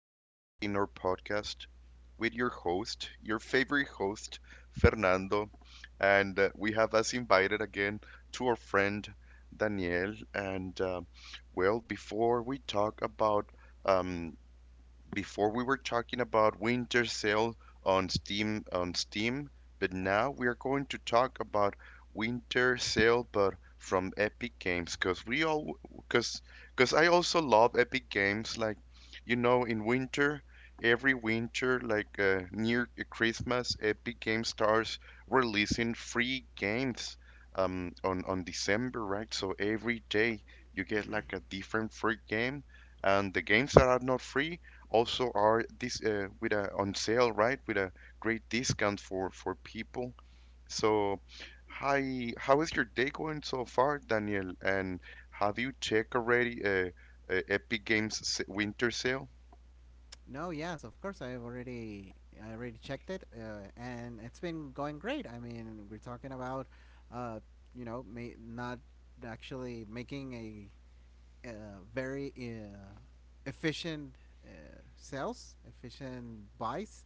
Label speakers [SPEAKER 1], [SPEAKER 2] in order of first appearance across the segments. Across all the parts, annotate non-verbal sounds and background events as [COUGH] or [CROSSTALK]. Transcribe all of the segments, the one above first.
[SPEAKER 1] here in our podcast with your host, your favorite host, Fernando. And We have us invited again to our friend, Daniel. Before we talk about um, before we were talking about winter sale on Steam, but now we are going to talk about winter sale but from Epic Games cuz we all cuz cuz I also love Epic Games. Like you know, in winter, every winter, like near Christmas Epic Games starts releasing free games on December, right? So every day you get like a different free game, and the games that are not free also are this with a on sale, right? With a great discount for people. So hi, how is your day going so far, Daniel? And have you checked already Epic Games winter sale?
[SPEAKER 2] No, yes, of course. I already checked it, and it's been going great. I mean, we're talking about, uh, not actually making a uh, very efficient uh, sales, efficient buys,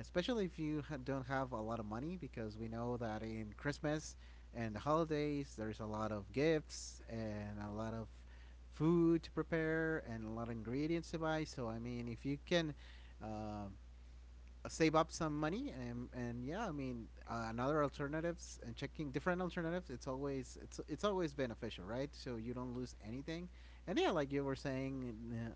[SPEAKER 2] especially if you don't have a lot of money, because we know that in Christmas and the holidays, there's a lot of gifts and a lot of food to prepare and a lot of ingredients to buy. So, I mean, if you can um save up some money. And yeah, I mean, another alternatives and checking different alternatives, it's always beneficial, right? So you don't lose anything. And yeah, like you were saying, uh,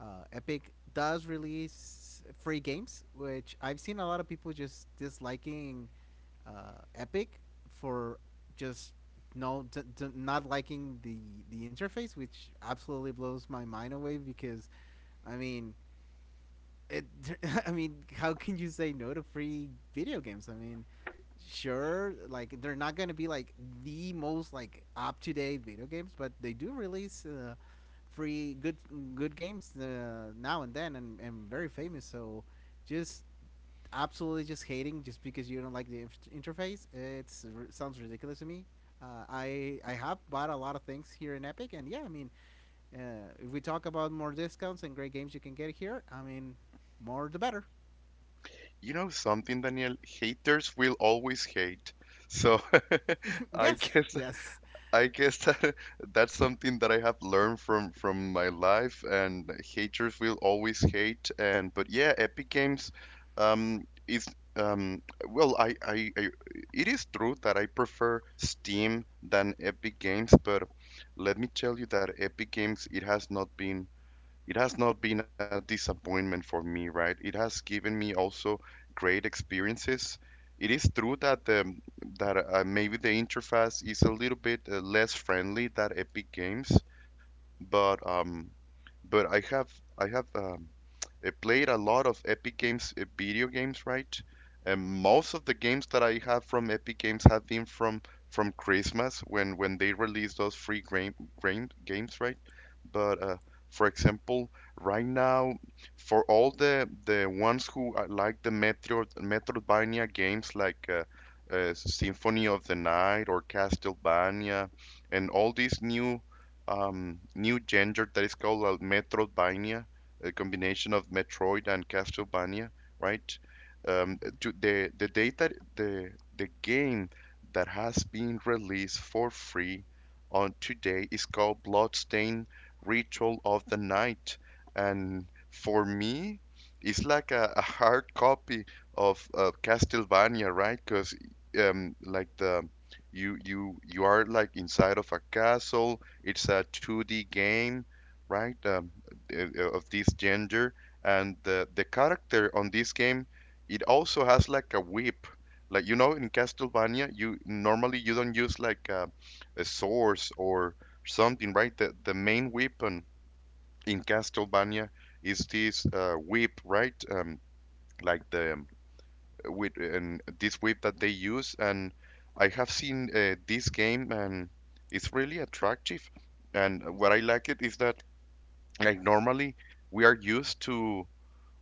[SPEAKER 2] uh, Epic does release free games, which I've seen a lot of people just disliking Epic for just not liking the interface, which absolutely blows my mind away because I mean, it, [LAUGHS] I mean, how can you say no to free video games? I mean, sure, like they're not gonna be like the most like up to date video games, but they do release free good good games now and then, and very famous. So, just absolutely just hating just because you don't like the interface, it's r- sounds ridiculous to me. I have bought a lot of things here in Epic, and yeah, I mean, if we talk about more discounts and great games you can get here, I mean, more the better.
[SPEAKER 1] You know something, Daniel? Haters will always hate. So [LAUGHS]
[SPEAKER 2] [LAUGHS]
[SPEAKER 1] I
[SPEAKER 2] Yes,
[SPEAKER 1] guess
[SPEAKER 2] yes,
[SPEAKER 1] that [LAUGHS] that's something that I have learned from my life, and haters will always hate. And but yeah, Epic Games, um, is, um, well, I it is true that I prefer Steam than Epic Games, but let me tell you that Epic Games, it has not been a disappointment for me, right? It has given me also great experiences. It is true that the that maybe the interface is a little bit less friendly than Epic Games, but but I have I have, I played a lot of Epic Games video games, right? And most of the games that I have from Epic Games have been from Christmas when they released those free game, game games, right? But For example, right now, for all the ones who like the Metroidvania games, like Symphony of the Night or Castlevania and all these new genre that is called Metroidvania, a combination of Metroid and Castlevania, right?
[SPEAKER 2] mm-hmm.
[SPEAKER 1] To the data the game that has been released for free on today is called Bloodstained Ritual of the Night, and for me, it's like a hard copy of Castlevania, right? Because like the you are like inside of a castle. It's a 2D game, right? Of this gender, and the character on this game, it also has like a whip. Like you know, in Castlevania, you normally you don't use like a sword or something, right? The main weapon in Castlevania is this whip, right? Like the With and this whip that they use. And I have seen this game and it's really attractive. And what I like it is that, like, normally we are used to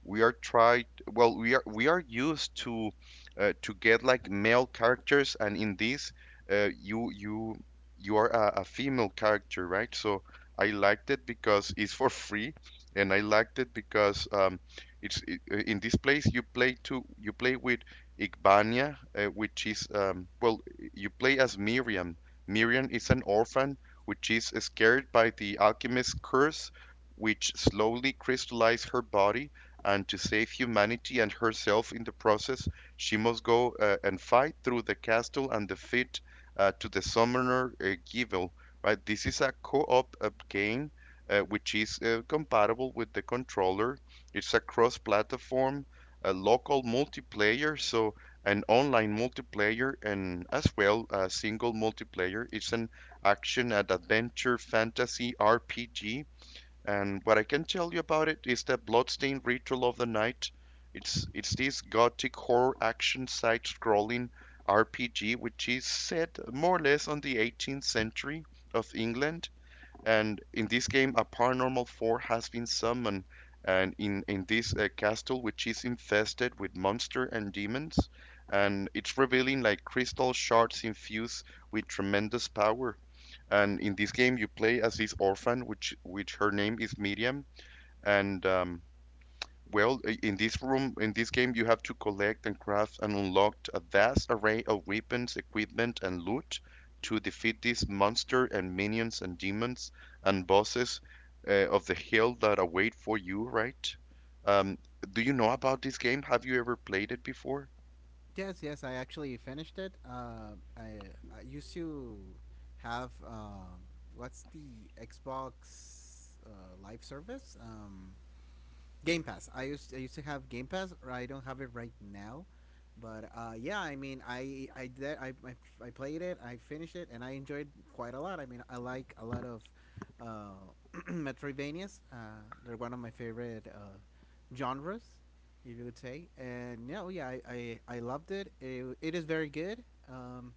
[SPEAKER 1] we are tried well we are used to get like male characters, and in this uh, you you you are a female character, right? So I liked it because it's for free, and I liked it because it's I in this place you play with Igbania, which is well you play as Miriam. Miriam is an orphan which is scared by the alchemist's curse, which slowly crystallized her body, and to save humanity and herself in the process, she must go and fight through the castle and defeat to the summoner, Givil. Right, this is a co-op game which is compatible with the controller. It's a cross-platform, a local multiplayer, so an online multiplayer, and as well a single multiplayer. It's an action and adventure fantasy RPG. And what I can tell you about it is the Bloodstained Ritual of the Night. It's this gothic horror action side scrolling RPG which is set more or less on the 18th century of England. And in this game, a paranormal force has been summoned, and in this castle, which is infested with monsters and demons, and it's revealing like crystal shards infused with tremendous power. And in this game, you play as this orphan, which her name is Miriam. And um, in this room, in this game, you have to collect and craft and unlock a vast array of weapons, equipment, and loot to defeat these monster and minions and demons and bosses of the hill that await for you, right? Um, do you know about this game? Have you ever played it before?
[SPEAKER 2] Yes, yes. I actually finished it. I used to have what's the Xbox live service? Game Pass. I used to have Game Pass, or I don't have it right now, but yeah, I mean, I played it. I finished it, and I enjoyed quite a lot. I mean, I like a lot of uh, [CLEARS THROAT] Metroidvanias. They're one of my favorite genres, if you would say. And no, yeah, I loved it. It is very good. Um,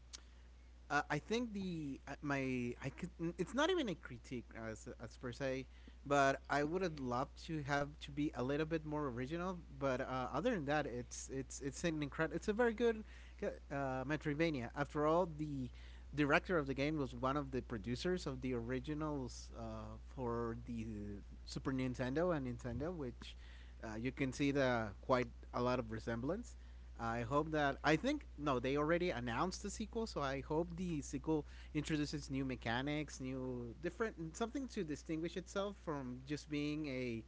[SPEAKER 2] uh, I think the my I could it's not even a critique as per se, but I would have loved to have to be a little bit more original. But other than that, it's an incredible, it's a very good Metroidvania. After all, the director of the game was one of the producers of the originals for the Super Nintendo and Nintendo, which you can see the quite a lot of resemblance. I hope that I think no, they already announced the sequel, so I hope the sequel introduces new mechanics, new different something to distinguish itself from just being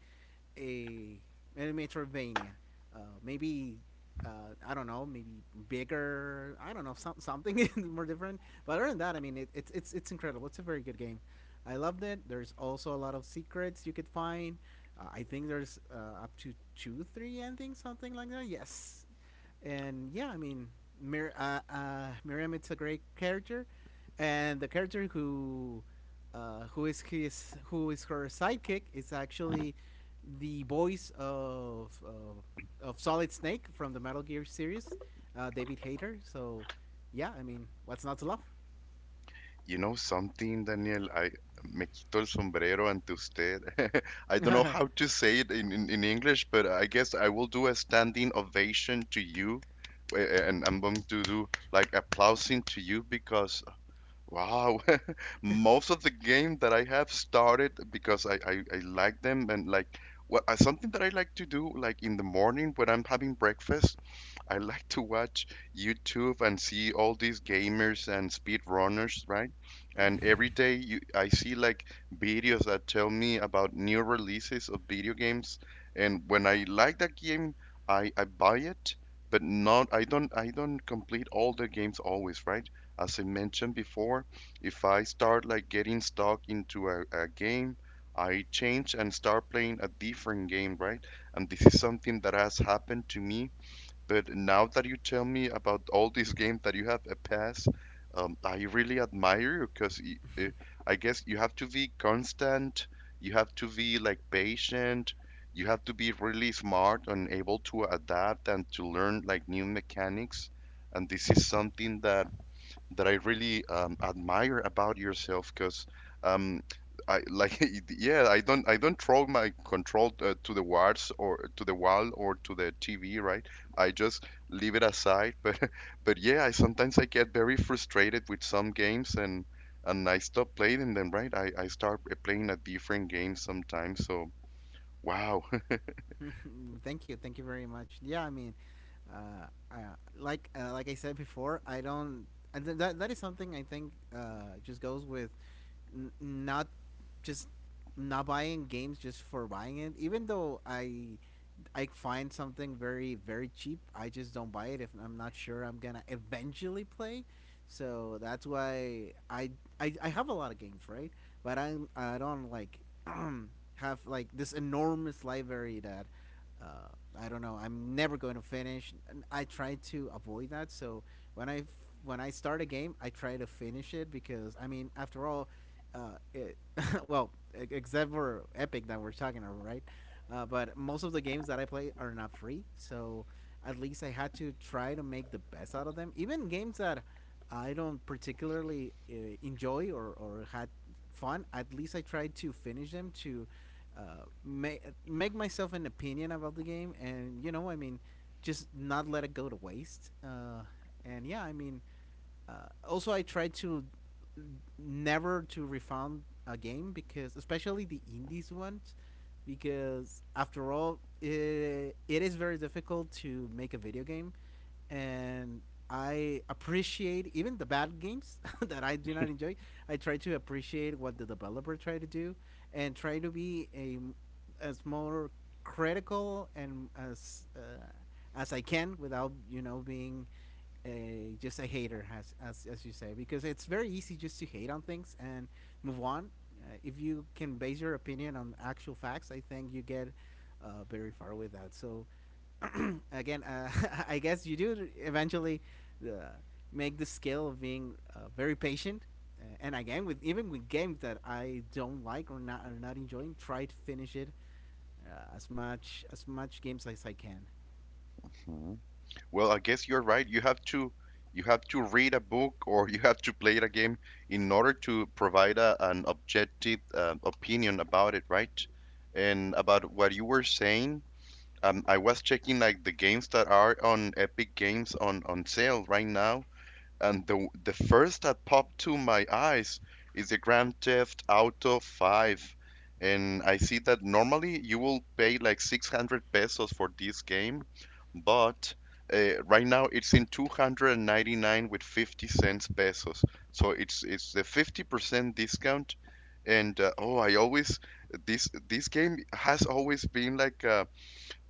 [SPEAKER 2] a a Metroidvania. Maybe I don't know, maybe bigger. I don't know, something [LAUGHS] more different. But other than that, I mean, it's incredible. It's a very good game. I loved it. There's also a lot of secrets you could find. I think there's up to two, three endings, something like that. Yes, and yeah, I mean, Miriam, it's a great character, and the character who is his who is her sidekick is actually the voice of Solid Snake from the Metal Gear series, David Hayter. So yeah, I mean, what's not to love?
[SPEAKER 1] You know something, Daniel? I me quito el sombrero ante usted. [LAUGHS] I don't know how
[SPEAKER 2] [LAUGHS]
[SPEAKER 1] to say it in, in English, but I guess I will do a standing ovation to you. And I'm going to do like applauding to you because wow, [LAUGHS] most of the game that I have started because I like them, and like, well, something that I like to do, like in the morning when I'm having breakfast, I like to watch YouTube and see all these gamers and speedrunners, right? And every day I see like videos that tell me about new releases of video games. And when I like that game, I buy it, but not I don't, complete all the games always, right? As I mentioned before, if I start like getting stuck into a game, I change and start playing a different game, right? And this is something that has happened to me. But now that you tell me about all these games that you have a pass, I really admire you because I guess you have to be constant, you have to be like patient, you have to be really smart and able to adapt and to learn like new mechanics. And this is something that I really admire about yourself because, um, I like, [LAUGHS] yeah, I don't, throw my control to the walls or to the wall or to the TV, right? I just leave it aside. [LAUGHS] But yeah, I sometimes I get very frustrated with some games, and I stop playing them, right? I start playing a different game sometimes, so wow.
[SPEAKER 2] [LAUGHS] Thank you, thank you very much. Yeah, I mean, uh, uh, like I said before, I don't, and th- that that is something I think just goes with not just not buying games just for buying it. Even though I find something very very cheap, I just don't buy it if I'm not sure I'm gonna eventually play. So that's why I have a lot of games, right? But I don't like [CLEARS THROAT] have like this enormous library that uh, I don't know I'm never going to finish. And I try to avoid that. So when I f- when I start a game, I try to finish it because I mean after all, uh, it, [LAUGHS] well, except for Epic that we're talking about, right? But most of the games that I play are not free, so at least I had to try to make the best out of them. Even games that I don't particularly enjoy or had fun, at least I tried to finish them to uh, make make myself an opinion about the game, and you know, I mean, just not let it go to waste. And yeah, I mean, also I tried to never to refund a game because especially the indies ones because after all it, it is very difficult to make a video game, and I appreciate even the bad games [LAUGHS] that I do not enjoy. I try to appreciate what the developer try to do and try to be a as more critical and as I can without you know being a just a hater, as you say, because it's very easy just to hate on things and move on. If you can base your opinion on actual facts, I think you get very far with that. So [CLEARS THROAT] again, [LAUGHS] I guess you do eventually uh, make the skill of being very patient. And again, with even with games that I don't like or not are not enjoying, try to finish it as much games as I can.
[SPEAKER 1] [LAUGHS] Well, I guess you're right. You have to, read a book or you have to play the game in order to provide a, an objective opinion about it, right? And about what you were saying, I was checking like the games that are on Epic Games on sale right now, and the first that popped to my eyes is the Grand Theft Auto 5. And I see that normally you will pay like 600 pesos for this game, but right now it's in 299 with 50 cents pesos. So it's the 50% discount. And Oh, I always, this game has always been like a,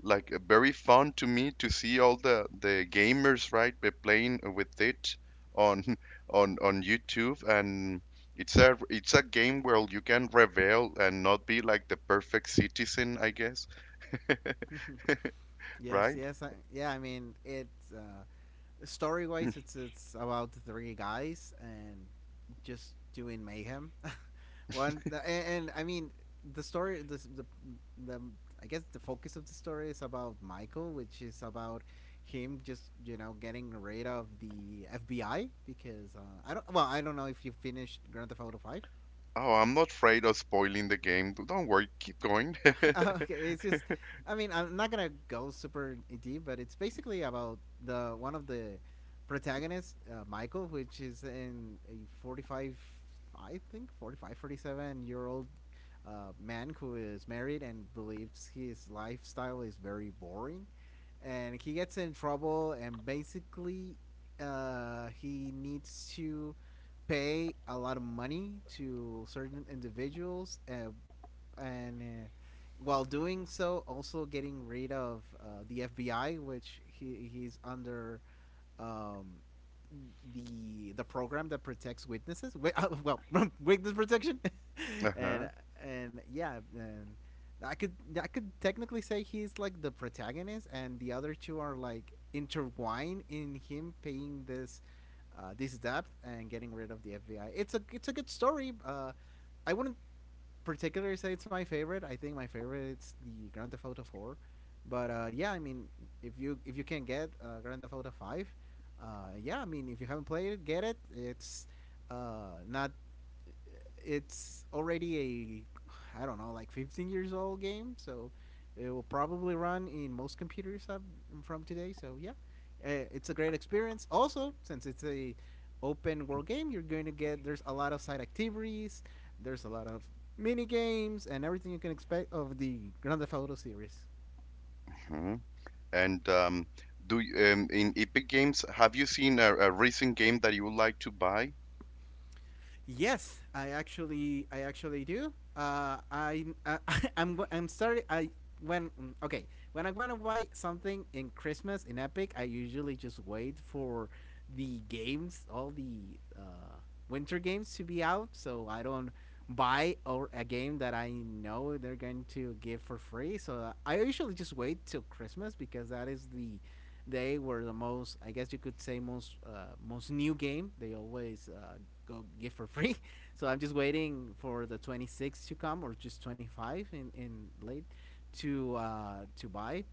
[SPEAKER 1] like very fun to me to see all the gamers, right, be playing with it on [LAUGHS] on YouTube. And it's a, it's a game where you can rebel and not be like the perfect citizen, I guess,
[SPEAKER 2] [LAUGHS] Yes,
[SPEAKER 1] right?
[SPEAKER 2] yes, I,
[SPEAKER 1] [LAUGHS]
[SPEAKER 2] yeah. I mean, it's story
[SPEAKER 1] Mm.
[SPEAKER 2] wise, it's about three guys and just doing mayhem. [LAUGHS] And I mean, the story, the I guess the focus of the story is about Michael, which is about him just you know getting rid of the FBI because I don't know if you finished Grand Theft Auto Five.
[SPEAKER 1] Oh, I'm not afraid of spoiling the game, don't worry, keep going. [LAUGHS]
[SPEAKER 2] Uh, [LAUGHS] okay, it's just, I mean, I'm not gonna go super deep, but it's basically about the one of the protagonists, Michael, which is in a 45, I think 45, 47 year old man who is married and believes his lifestyle is very boring, and he gets in trouble, and basically, he needs to pay a lot of money to certain individuals, and while doing so, also getting rid of the FBI, which he's under um, the program that protects witnesses. Well, [LAUGHS] witness protection, [LAUGHS]
[SPEAKER 1] Uh-huh.
[SPEAKER 2] and and yeah, and I could I could technically say he's like the protagonist, and the other two are like intertwined in him paying this this debt and getting rid of the FBI. It's a good story. I wouldn't particularly say it's my favorite. I think my favorite is the Grand Theft Auto 4. But yeah, I mean, if you can get Grand Theft Auto 5, uh, yeah, I mean, if you haven't played it, get it. It's not. It's already a, I don't know, like 15 years old game, so it will probably run in most computers up from today. So yeah, it's a great experience. Also, since it's a open world game, you're going to get, there's a lot of side activities, there's a lot of mini games, and everything you can expect of the Grand Theft Auto series.
[SPEAKER 1] Mhm. And do in Epic Games have you seen a recent game that you would like to buy?
[SPEAKER 2] Yes, I actually do. [LAUGHS] I'm starting. Okay, when I'm gonna buy something in Christmas in Epic, I usually just wait for the games, all the winter games to be out, so I don't buy or a game that I know they're going to give for free. So I usually just wait till Christmas because that is the they were the most, I guess you could say, most new game they always go give for free [LAUGHS] so I'm just waiting for the 26 to come or just 25 in late to buy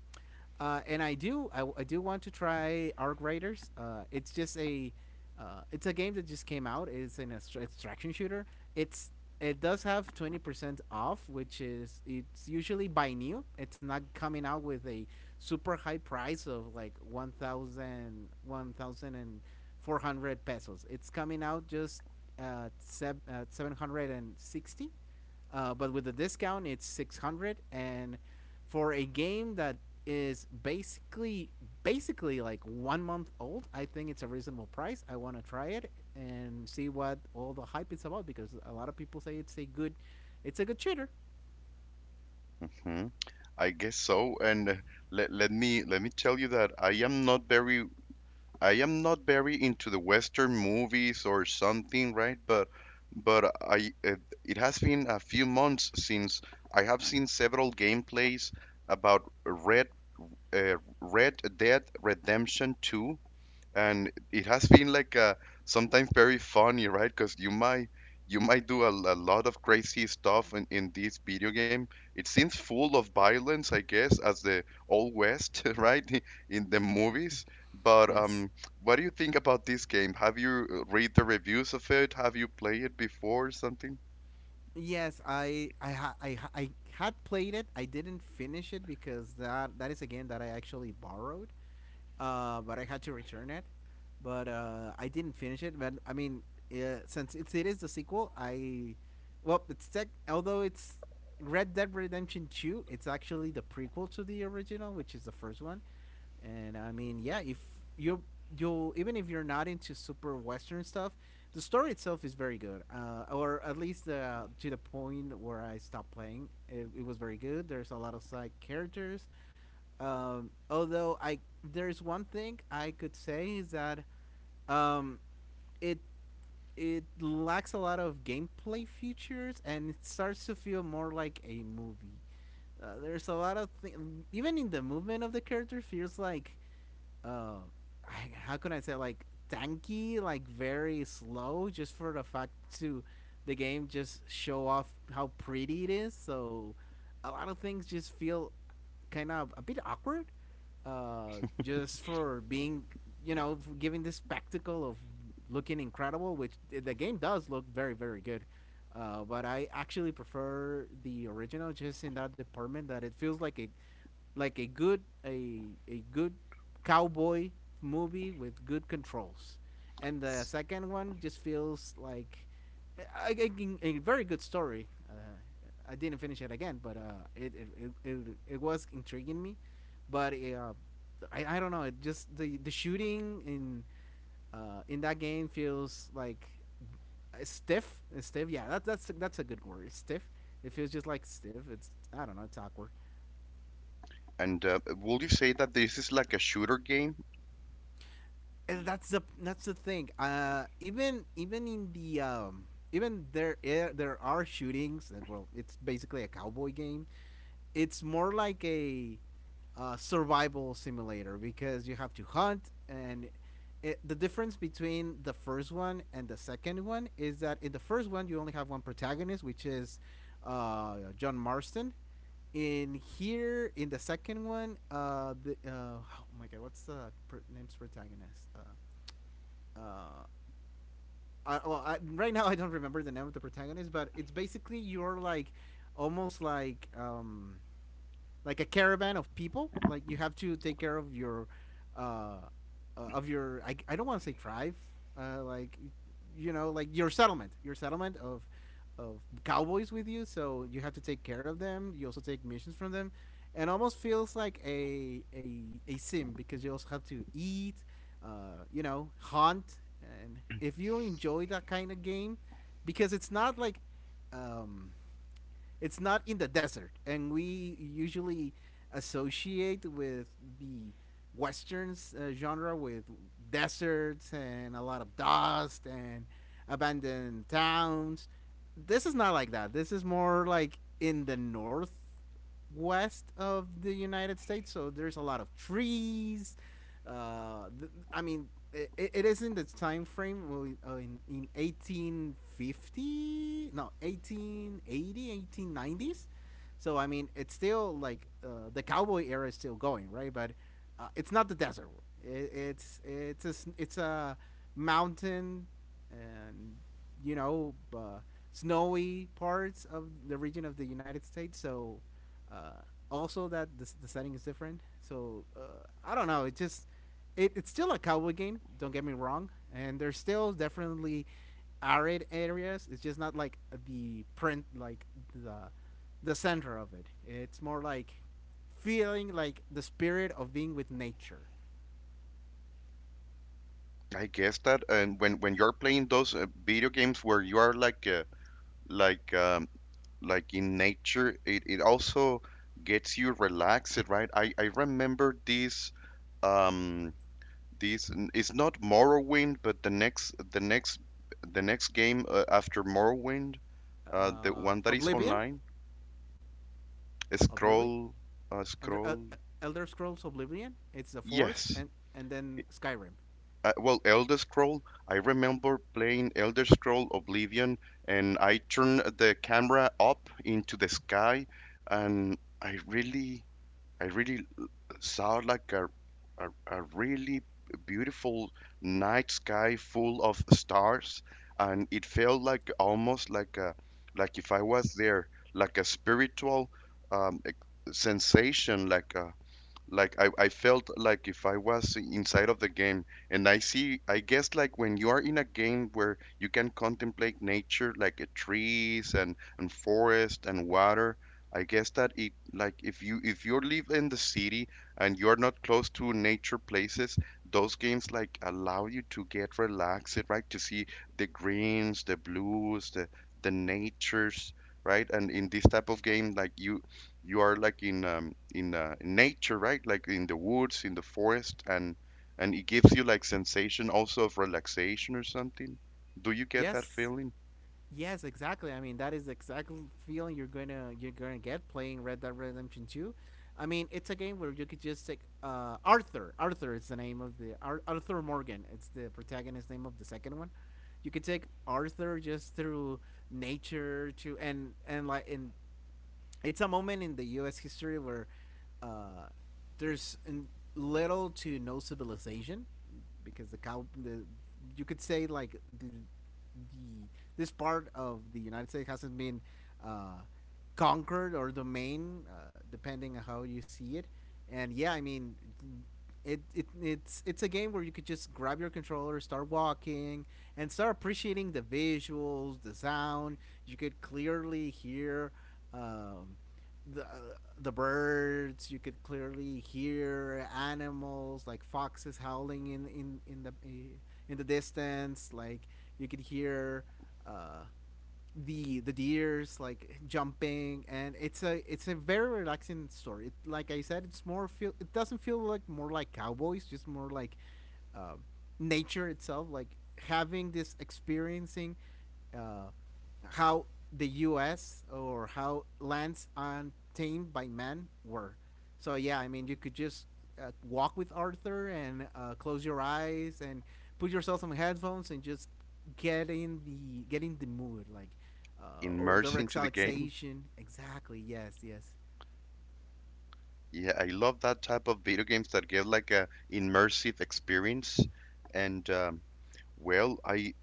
[SPEAKER 2] and I do, I do want to try Arc Raiders. It's just a, it's a game that just came out. It's an extraction shooter. It's it does have 20% off, which is it's usually by new. It's not coming out with a super high price of like one thousand one thousand and four hundred pesos. It's coming out just at 760 but with the discount, it's 600 and for a game that is basically like 1 month old, I think it's a reasonable price. I want to try it and see what all the hype is about because a lot of people say it's a good, it's a good shooter.
[SPEAKER 1] Hmm, I guess so. Let me tell you that I am not very into the Western movies or something, right? But I, it has been a few months since I have seen several gameplays about Red Dead Redemption 2, and it has been like, sometimes very funny, right? Because you might do a lot of crazy stuff in this video game. It seems full of violence, I guess, as the old west, [LAUGHS] right? [LAUGHS] In the movies. But
[SPEAKER 2] Yes.
[SPEAKER 1] what do you think about this game? Have you read the reviews of it? Have you played it before or something?
[SPEAKER 2] Yes, I had played it. I didn't finish it because that is a game that I actually borrowed, but I had to return it. But I didn't finish it. But I mean, since it is the sequel, I, well, it's tech. Although it's Red Dead Redemption Two, it's actually the prequel to the original, which is the first one. And I mean, yeah, if you you even if you're not into super western stuff, the story itself is very good, or at least to the point where I stopped playing. It was very good. There's a lot of side characters. Um, although I, there's one thing I could say is that um, it it lacks a lot of gameplay features, and it starts to feel more like a movie. There's a lot of things, even in the movement of the character feels like uh how can I say, like, tanky, like very slow, just for the fact to the game just show off how pretty it is. So a lot of things just feel kind of a bit awkward, just for being for giving this spectacle of looking incredible, which the game does look very very good. But I actually prefer the original just in that department that it feels like it like a good a good cowboy movie with good controls, and the
[SPEAKER 1] S-
[SPEAKER 2] second one just feels like a very good story. I didn't finish it again, but it was intriguing me, but I don't know. It just the shooting in that game feels like stiff, stiff. Yeah, that's a good word. It's stiff. It feels just like stiff. It's I don't know. It's awkward.
[SPEAKER 1] And will you say that this is like a shooter game?
[SPEAKER 2] And that's the thing. Even in the, even there, there are shootings. That, well, it's basically a cowboy game. It's more like a survival simulator because you have to hunt and. The difference between the first one and the second one is that in the first one you only have one protagonist, which is John Marston. In here, in the second one, the oh my god, what's the name's protagonist? Uh, well, right now I don't remember the name of the protagonist, but it's basically you're like almost like a caravan of people. Like you have to take care of uh, of your. I don't want to say tribe. Like, like your settlement of cowboys with you. So you have to take care of them. You also take missions from them, and almost feels like a sim because you also have to eat, hunt. And if you enjoy that kind of game, because it's not like, um, it's not in the desert, and we usually associate with the westerns genre with deserts and a lot of dust and abandoned towns. This is not like that. This is more like in the northwest of the United States, so there's a lot of trees, I mean, it is in the time frame, well, in 1850, no, 1880, 1890s. So, I mean, it's still like the cowboy era is still going, right? But it's not the desert. It, it's it's a it's a mountain, and you know, uh, snowy parts of the region of the United States. So also that the setting is different. So I don't know. It just it's still a cowboy game. Don't get me wrong. And there's still definitely arid areas. It's just not like the print, like the the center of it. It's more like feeling like the spirit of being with nature.
[SPEAKER 1] I guess that. And when you're playing those video games where you are like um, like in nature, it also gets you relaxed, right? I remember this um this, it's not Morrowind but the next game after Morrowind, the one that is
[SPEAKER 2] Oblivion.
[SPEAKER 1] online,
[SPEAKER 2] Oblivion.
[SPEAKER 1] scroll,
[SPEAKER 2] And
[SPEAKER 1] scroll.
[SPEAKER 2] Elder Scrolls Oblivion. It's the fourth,
[SPEAKER 1] Yes.
[SPEAKER 2] and then Skyrim.
[SPEAKER 1] Well, Elder Scroll. I remember playing Elder Scroll Oblivion, and I turned the camera up into the sky, and i really I really saw like a really beautiful night sky full of stars, and it felt like almost like a, like if I was there, like a spiritual sensation, like a, like I felt like if I was inside of the game. And I see, I guess, like when you are in a game where you can contemplate nature like trees and forest and water. I guess that it, like, if you live in the city and you're not close to nature places, those games like allow you to get relaxed, right, to see the greens, the blues, the natures, right? And in this type of game, like, you are like in, in nature, right? Like in the woods, in the forest, and it gives you like sensation also of relaxation or something. Do you get that
[SPEAKER 2] Yes,
[SPEAKER 1] feeling?
[SPEAKER 2] yes, exactly. I mean, that is the exact feeling you're gonna get playing Red Dead Redemption Two. I mean, it's a game where you could just take Arthur. Arthur is the name of the Arthur Morgan. It's the protagonist name of the second one. You could take Arthur just through nature to and like in, it's a moment in the U.S. history where uh, there's little to no civilization because the cow the you could say, like, the this part of the United States hasn't been uh, conquered or domain, depending on how you see it. And yeah, I mean, it's a game where you could just grab your controller, start walking, and start appreciating the visuals, the sound. You could clearly hear um, the uh, the birds. You could clearly hear animals like foxes howling in the distance, like you could hear uh the deers, like, jumping. And it's a very relaxing story. Like I said, it's more feel it doesn't feel like, more like cowboys, just more like uh, nature itself, like having this, experiencing, uh how the U.S. or how lands untamed by man were. So yeah, I mean, you could just walk with Arthur and close your eyes and put yourself some headphones and just get in the mood, like or the
[SPEAKER 1] Immersed into the game?
[SPEAKER 2] relaxation. Exactly. Yes. Yes.
[SPEAKER 1] Yeah, I love that type of video games that give like a immersive experience, and well,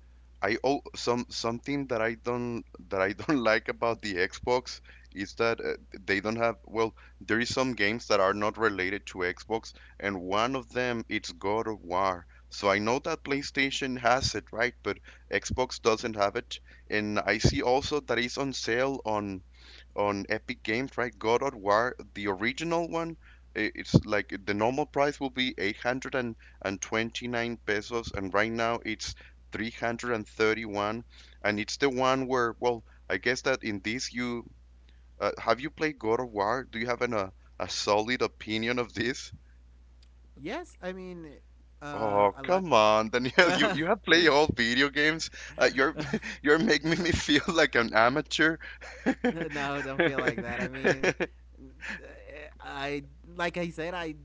[SPEAKER 1] I oh, something that I don't, [LAUGHS] like about the Xbox is that they don't have, well, there is some games that are not related to Xbox, and one of them it's God of War. So I know that PlayStation has it, right? But Xbox doesn't have it. And I see also that it's on sale on Epic Games, right? God of War, the original one, it's like the normal price will be 829 pesos, and right now it's 331. And it's the one where, well, I guess that in this you have you played God of War? Do you have a solid opinion of this?
[SPEAKER 2] Yes. I mean,
[SPEAKER 1] Oh,
[SPEAKER 2] a lot.
[SPEAKER 1] come on, Daniel, [LAUGHS] you have played all video games. You're
[SPEAKER 2] [LAUGHS]
[SPEAKER 1] [LAUGHS] you're making me [LAUGHS] feel like an amateur.
[SPEAKER 2] [LAUGHS] No, don't feel like that. I mean,
[SPEAKER 1] [LAUGHS]
[SPEAKER 2] I like I said, I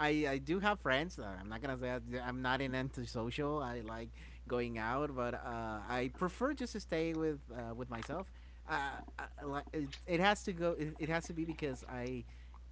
[SPEAKER 2] I I do have friends. I'm not gonna say I'm not an antisocial. I like going out, but I prefer just to stay with myself. Uh, it has to go. It has to be because I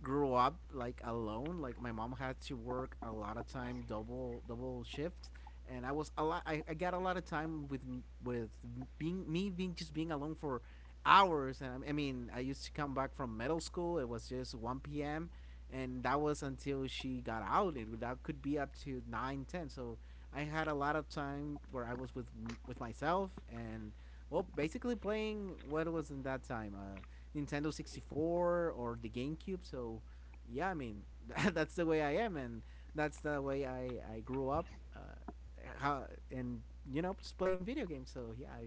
[SPEAKER 2] grew up like alone. Like my mom had to work a lot of time, double shifts, and I was a lot. I got a lot of time with being me, being, just being alone for hours. And I mean, I used to come back from middle school. It was just 1 p.m., and that was until she got out, that could be up to nine ten. So I had a lot of time where I was with myself, and, well, basically playing what was in that time, Nintendo 64 or the GameCube. So yeah, I mean, [LAUGHS] that's the way I am, and that's the way I grew up. How and You know, just playing video games. So yeah,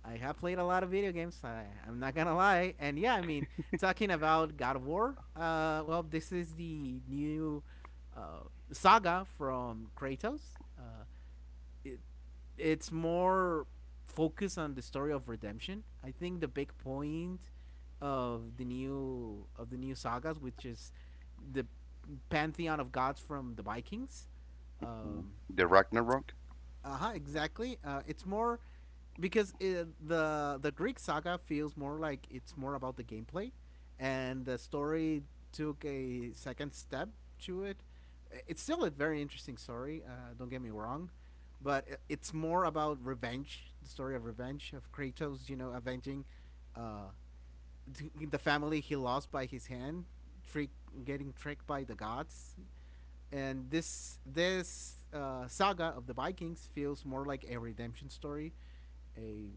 [SPEAKER 2] I have played a lot of video games. I'm not gonna lie, and yeah, I mean, talking about God of War. Well, this is the new uh, saga from Kratos. Uh, it, it's more focused on the story of redemption. I think the big point of the new sagas, which is the pantheon of gods from the Vikings.
[SPEAKER 1] Mm-hmm.
[SPEAKER 2] Um,
[SPEAKER 1] The Ragnarok.
[SPEAKER 2] uh huh. Exactly. It's more because the Greek saga feels more like it's more about the gameplay, and the story took a second step to it. It's still a very interesting story. Don't get me wrong, but it's more about revenge. The story of revenge of Kratos. Avenging uh, the family he lost by his hand, trick getting tricked by the gods. And this saga of the Vikings feels more like a redemption story, a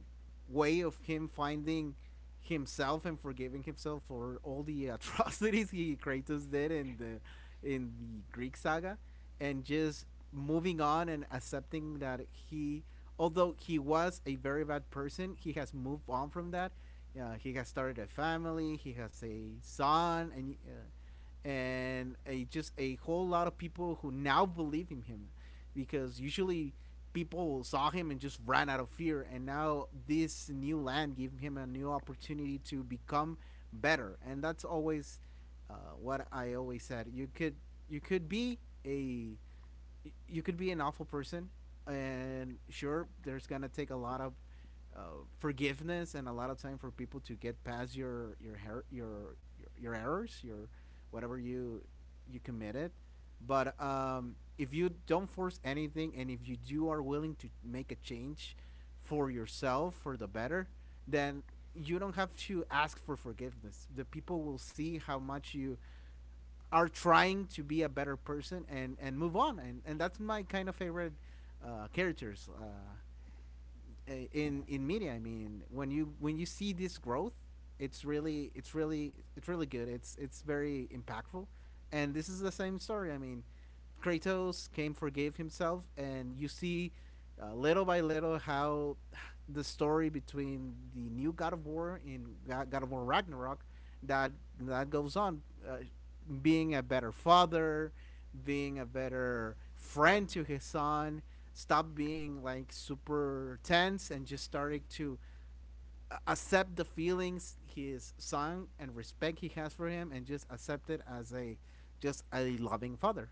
[SPEAKER 2] way of him finding himself and forgiving himself for all the [LAUGHS] atrocities he Kratos did in the Greek saga, and just moving on and accepting that, although he was a very bad person, he has moved on from that. He has started a family. He has a son, and a just a whole lot of people who now believe in him, because usually people saw him and just ran out of fear, and now this new land gave him a new opportunity to become better. And that's always what I always said. You could be a you could be an awful person, and sure, there's gonna take a lot of forgiveness and a lot of time for people to get past your errors, your whatever you committed. But if you don't force anything, and if you do are willing to make a change for yourself for the better, then you don't have to ask for forgiveness. The people will see how much you are trying to be a better person and move on. And that's my kind of favorite characters, in media. I mean, when you see this growth, it's really good. It's very impactful, and this is the same story. I mean, Kratos came forgave himself, and you see little by little how the story between the new God of War in God of War Ragnarok that that goes on, uh, being a better father, being a better friend to his son, stop being like super tense and just started to accept the feelings his son and respect he has for him and just accept it as a just a loving father.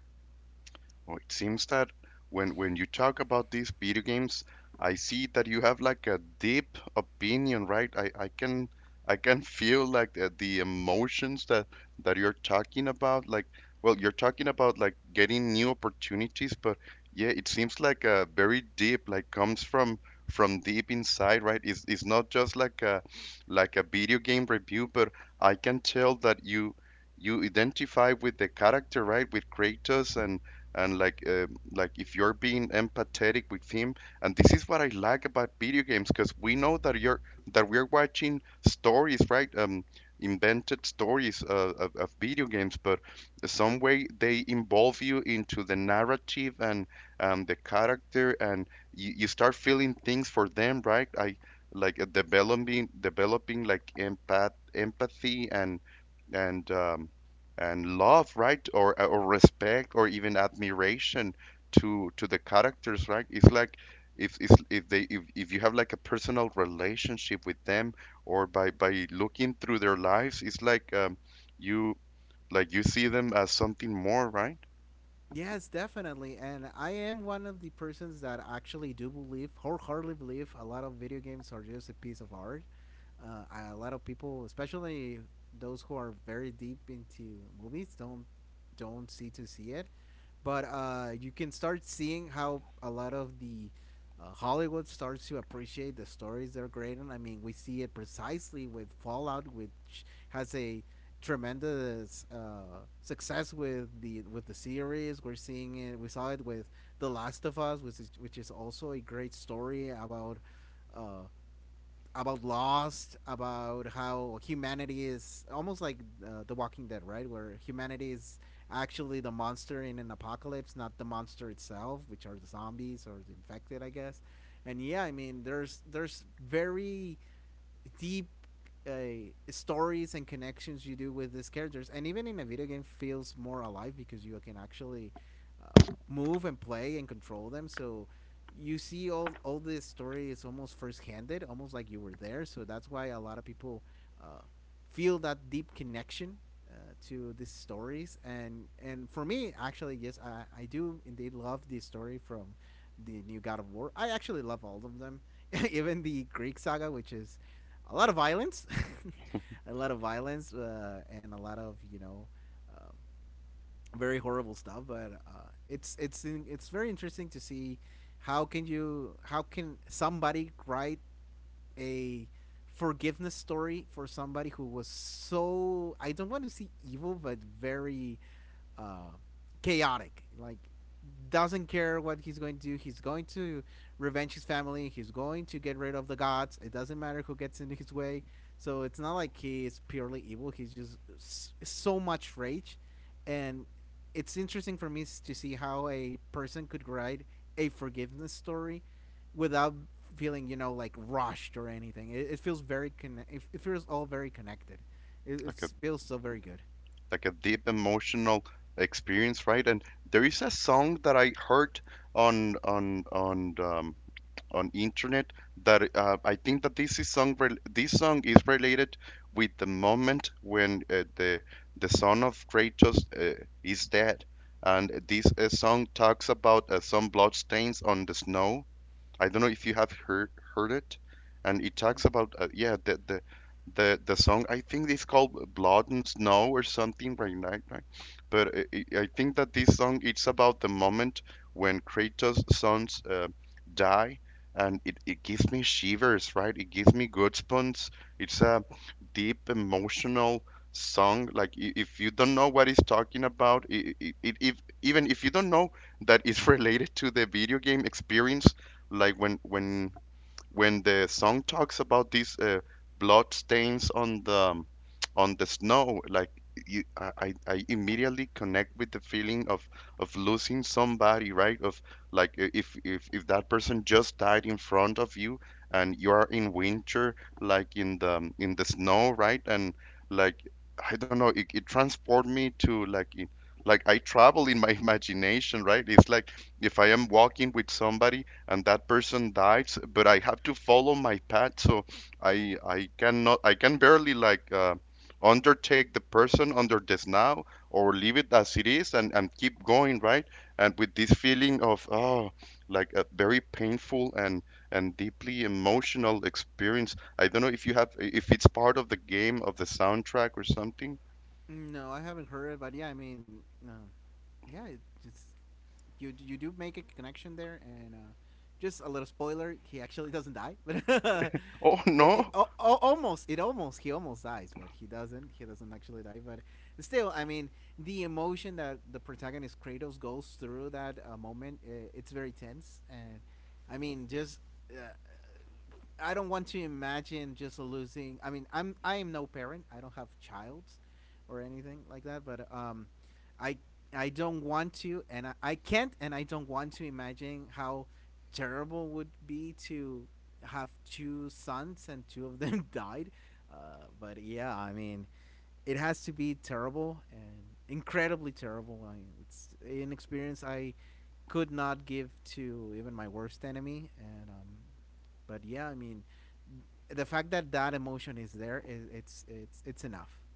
[SPEAKER 1] Oh, it seems that when you talk about these video games, I see that you have like a deep opinion, right? I can [LAUGHS] feel like the emotions that you're talking about. Like, well, you're talking about, like, getting new opportunities, but yeah, it seems like a very deep, like, comes from deep inside, right? It's not just like a, video game review, but I can tell that you identify with the character, right? With Kratos, and like, like if you're being empathetic with him. And this is what I like about video games, because we know that we're watching stories, right, invented stories, of video games, but some way they involve you into the narrative and, the character, and you start feeling things for them, right? I Like, developing like empathy, and um, and love, right? Or, or respect or even admiration to the characters, right? It's like, if they if you have like a personal relationship with them, or by looking through their lives, it's like, you like, you see them as something more, right?
[SPEAKER 2] Yes, definitely. And I am one of the persons that actually do believe, wholeheartedly believe, a lot of video games are just a piece of art. Uh, a lot of people, especially those who are very deep into movies, don't see to see it. But you can start seeing how a lot of the Hollywood starts to appreciate the stories they're creating. I mean, we see it precisely with Fallout, which has a tremendous success with the series. We're seeing it. We saw it with The Last of Us, which is also a great story uh, about Lost, about how humanity is almost like The Walking Dead, right? Where humanity is actually the monster in an apocalypse, not the monster itself, which are the zombies or the infected, I guess. And yeah, I mean, there's very deep uh, stories and connections you do with these characters, and even in a video game, feels more alive because you can actually uh, move and play and control them. So you see all this story is almost first-handed, almost like you were there. So that's why a lot of people uh, feel that deep connection to these stories. And for me, actually, yes, I do indeed love the story from the new God of War. I actually love all of them, [LAUGHS] even the Greek saga, which is a lot of violence, [LAUGHS] a lot of violence, and a lot of you know uh, very horrible stuff. But it's very interesting to see how can you how can somebody write a forgiveness story for somebody who was so I don't want to see evil, but very uh, chaotic. Like doesn't care what he's going to do. He's going to revenge his family. He's going to get rid of the gods. It doesn't matter who gets in his way. So it's not like he is purely evil. He's just so much rage, and it's interesting for me to see how a person could write a forgiveness story without feeling you know like rushed or anything. It feels all very connected. It,
[SPEAKER 1] Like
[SPEAKER 2] it
[SPEAKER 1] a,
[SPEAKER 2] feels so very good.
[SPEAKER 1] deep emotional experience, right? And there is a song that I heard on on on um on internet that, I think that this song is related with the moment when the son of Kratos is dead, and this song talks about some blood stains on the snow. I don't know if you have heard it, and it talks
[SPEAKER 2] Mm,
[SPEAKER 1] about yeah, the song, I think it's called Blood and Snow or something right now, right? But I think that this song it's about the moment when Kratos' sons die, and it gives me shivers, right? It gives me goosebumps. It's a deep emotional song. Like, if you don't know what it's talking about, it I it, if even if you don't know that it's [LAUGHS] related to the video game experience, like when the song talks about these blood stains on the, snow, like, you, I immediately connect with the feeling of losing somebody, right, of, like, if that person just died in front of you, and you are in winter, like in the, snow, right, and, like, I don't know, it transport me to, like, in, like, I travel in my [LAUGHS] imagination, right? It's like if I am walking with somebody and that person died, but I have to follow my path, so I cannot, I can barely, like, undertake the person under this now, or leave it as it is and keep going, right? And with this feeling of, oh, like a very painful and deeply emotional experience. I don't know if you have, if it's part of the game, of the soundtrack or something.
[SPEAKER 2] no, I haven't heard it, but yeah, I mean, yeah, it's you. You do make a connection there, and just a little spoiler: he actually doesn't die, [LAUGHS] but
[SPEAKER 1] [LAUGHS] Oh
[SPEAKER 2] it, it
[SPEAKER 1] no.
[SPEAKER 2] al- al- almost, it almost, he almost dies, but he doesn't. He doesn't actually die, but still, I mean, the emotion that the protagonist Kratos goes through that moment, it's very tense, and I mean, just uh, I don't want to imagine just losing. I mean, I am no parent. I don't have child or anything like that. But I I don't want to, and I can't, and I don't want to imagine how terrible would be to have two sons and two of them [LAUGHS] died. But yeah, I mean, it has to be terrible and incredibly terrible. I, mean, it's an experience I could not give to even my worst enemy, and but yeah, I mean, the fact that that emotion is there is it's enough.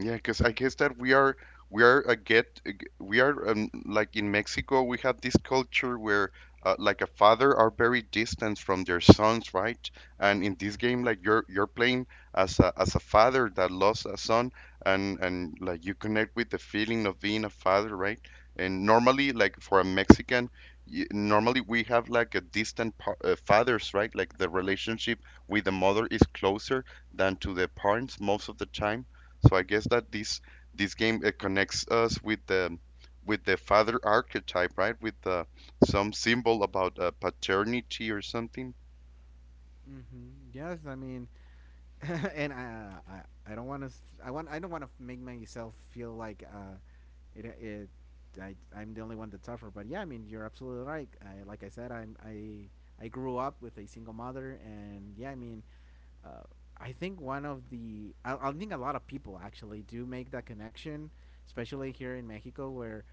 [SPEAKER 1] Yeah, because I guess that we are a get we are, like, in Mexico we have this culture where, like, a father are very distant from their sons, right? And in this game, like, you're playing as a, father that lost a son, and like, you connect with the feeling of being a father, right? And normally, like, for a Mexican, normally we have like a distant pa fathers, right? Like, the relationship with the mother is closer than to the parents most of the time, so I guess that this game it connects us with the, father archetype, right? With, some symbol about, paternity or something.
[SPEAKER 2] Hmm, yes, I mean, [LAUGHS] and I don't want to I don't want to make myself feel like it it I, I'm the only one that's tougher, but yeah, I mean, you're absolutely right. I, like I said, I grew up with a single mother, and yeah, I mean, uh, I think one of the I think a lot of people actually do make that connection, especially here in Mexico where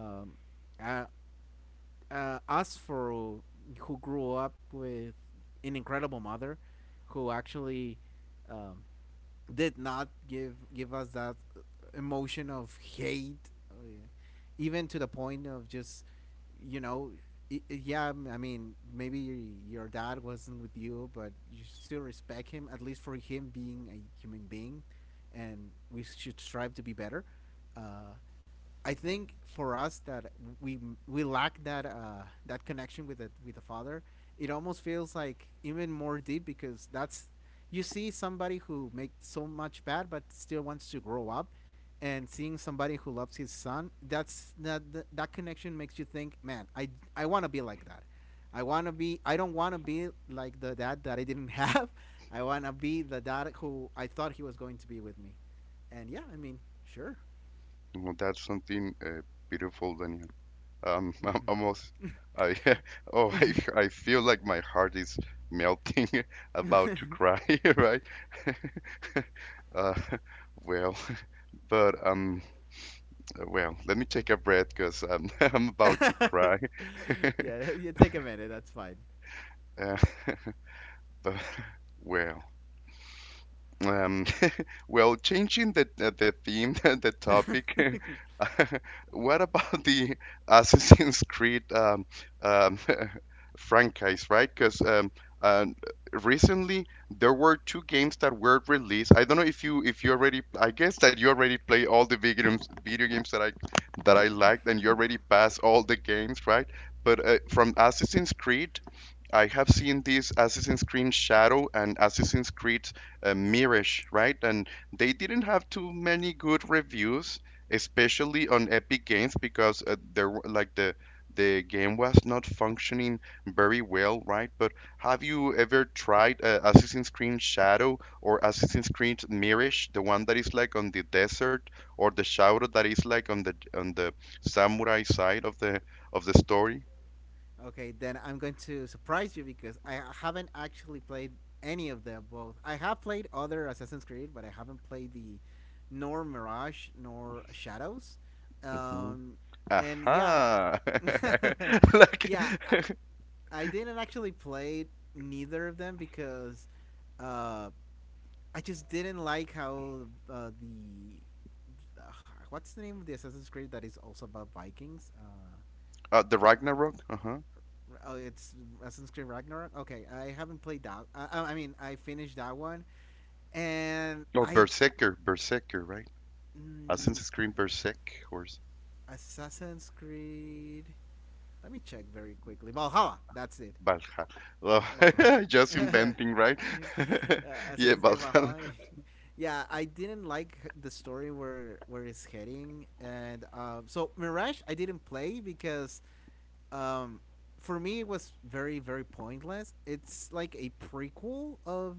[SPEAKER 2] um, I, us for who grew up with an incredible mother, who actually um, did not give us that emotion of hate, even to the point of just you know. Yeah, I mean, maybe your dad wasn't with you, but you should still respect him, at least for him being a human being, and we should strive to be better. Uh, I think for us that we we lack that that connection with the father. It almost feels like even more deep because that's you see somebody who makes so much bad but still wants to grow up, and seeing somebody who loves his son. That's that connection makes you think, man, I want to be like that. I want to be. I don't want to be like the dad that I didn't have. [LAUGHS] I want to be the dad who I thought he was going to be with me. And yeah, I mean, sure.
[SPEAKER 1] Well, that's something, beautiful, Daniel. [LAUGHS] I'm almost.
[SPEAKER 2] Hmm. [LAUGHS]
[SPEAKER 1] I [LAUGHS] oh, I feel like my heart is melting, [LAUGHS] about to cry, [LAUGHS] right? Uh, [LAUGHS] well, [LAUGHS] but, well, let me take a breath because I'm [LAUGHS] I'm about to cry.
[SPEAKER 2] [LAUGHS]
[SPEAKER 1] [LAUGHS]
[SPEAKER 2] Yeah, you take a minute. That's fine.
[SPEAKER 1] Uh, [LAUGHS] but well, um. Well, changing the, the theme, [LAUGHS] the topic. [LAUGHS] What about the Assassin's Creed, um, [LAUGHS] franchise, right? Because, uh, recently there were two games that were released. I don't know if you already. I guess that you already play all the video games that I liked, and you already
[SPEAKER 2] [LAUGHS]
[SPEAKER 1] passed all the games, right? But, from Assassin's Creed, I have seen these Assassin's Creed Shadow and Assassin's Creed, Mirage, right? And they didn't have too many good reviews, especially on Epic Games, because like the game was not functioning very well, right? But have you ever tried, Assassin's Creed Shadow or Assassin's Creed Mirage, the one that is like on the desert, or the Shadow that is like on the, samurai side of the, story?
[SPEAKER 2] Okay, then I'm going to surprise you because I haven't actually played any of them. Both I have played other Assassin's Creed, but I haven't played the nor Mirage nor Shadows.
[SPEAKER 1] Mm-hmm.
[SPEAKER 2] Um, and yeah,
[SPEAKER 1] Aha.
[SPEAKER 2] [LAUGHS]
[SPEAKER 1] [LAUGHS] Like
[SPEAKER 2] yeah,
[SPEAKER 1] [LAUGHS]
[SPEAKER 2] I didn't actually play neither of them because uh, I just didn't like how the ugh, what's the name of the Assassin's Creed that is also about Vikings?
[SPEAKER 1] the Ragnarok, uh-huh.
[SPEAKER 2] Oh, it's Assassin's Creed Ragnarok. Okay, I haven't played that. I mean, I finished that one, and
[SPEAKER 1] Oh,
[SPEAKER 2] I
[SPEAKER 1] Berserker, Berserker, right?
[SPEAKER 2] mm,
[SPEAKER 1] Assassin's Creed Berserk, or s-
[SPEAKER 2] Assassin's Creed. Let me check very quickly. Valhalla. That's it.
[SPEAKER 1] Valhalla.
[SPEAKER 2] Valhalla.
[SPEAKER 1] Oh, [LAUGHS] just inventing,
[SPEAKER 2] [LAUGHS]
[SPEAKER 1] right?
[SPEAKER 2] [LAUGHS]
[SPEAKER 1] [LAUGHS] Yeah,
[SPEAKER 2] Assassin's Creed
[SPEAKER 1] Valhalla.
[SPEAKER 2] Valhalla. [LAUGHS] Yeah, I didn't like the story where it's heading, and so Mirage I didn't play because um, for me, it was very, very pointless. It's like a prequel of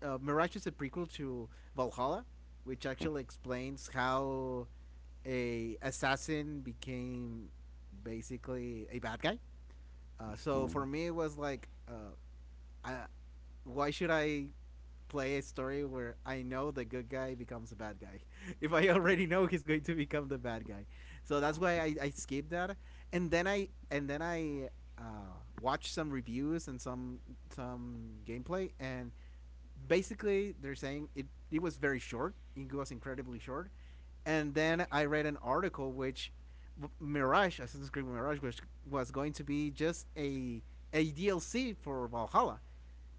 [SPEAKER 2] Mirage is a prequel to Valhalla, which actually explains how a assassin became basically a bad guy. So for
[SPEAKER 1] Mhm.
[SPEAKER 2] me, it was like, I, why should I play a story where I know the good guy becomes a bad guy. [LAUGHS] If I already know he's going to become the bad guy, so that's why I skipped that, and then I uh, watched some reviews and some gameplay, and basically they're saying it was very short. It was incredibly short, and then I read an article which Mirage Assassin's Creed Mirage was going to be just a DLC for Valhalla,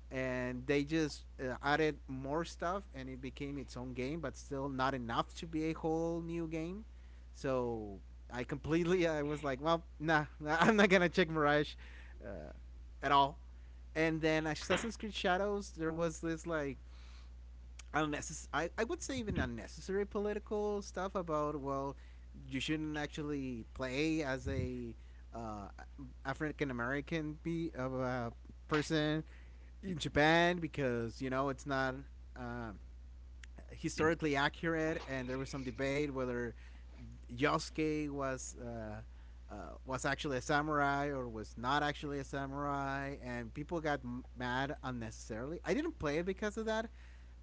[SPEAKER 2] and they just added more stuff and it became its own game but still not enough to be a whole new game. So I was like, well, nah, nah, [LAUGHS] I'm not gonna check Mirage uh, at all. And then Assassin's Creed Shadows, there was this like unnecessary. I would say even unnecessary political stuff about well, you shouldn't actually play as a uh, African American be of a person in Japan because you know it's not. Um, historically accurate, and there was some debate whether Yosuke uh, was actually a samurai or was not actually a samurai, and people got mad unnecessarily. I didn't play it because of that.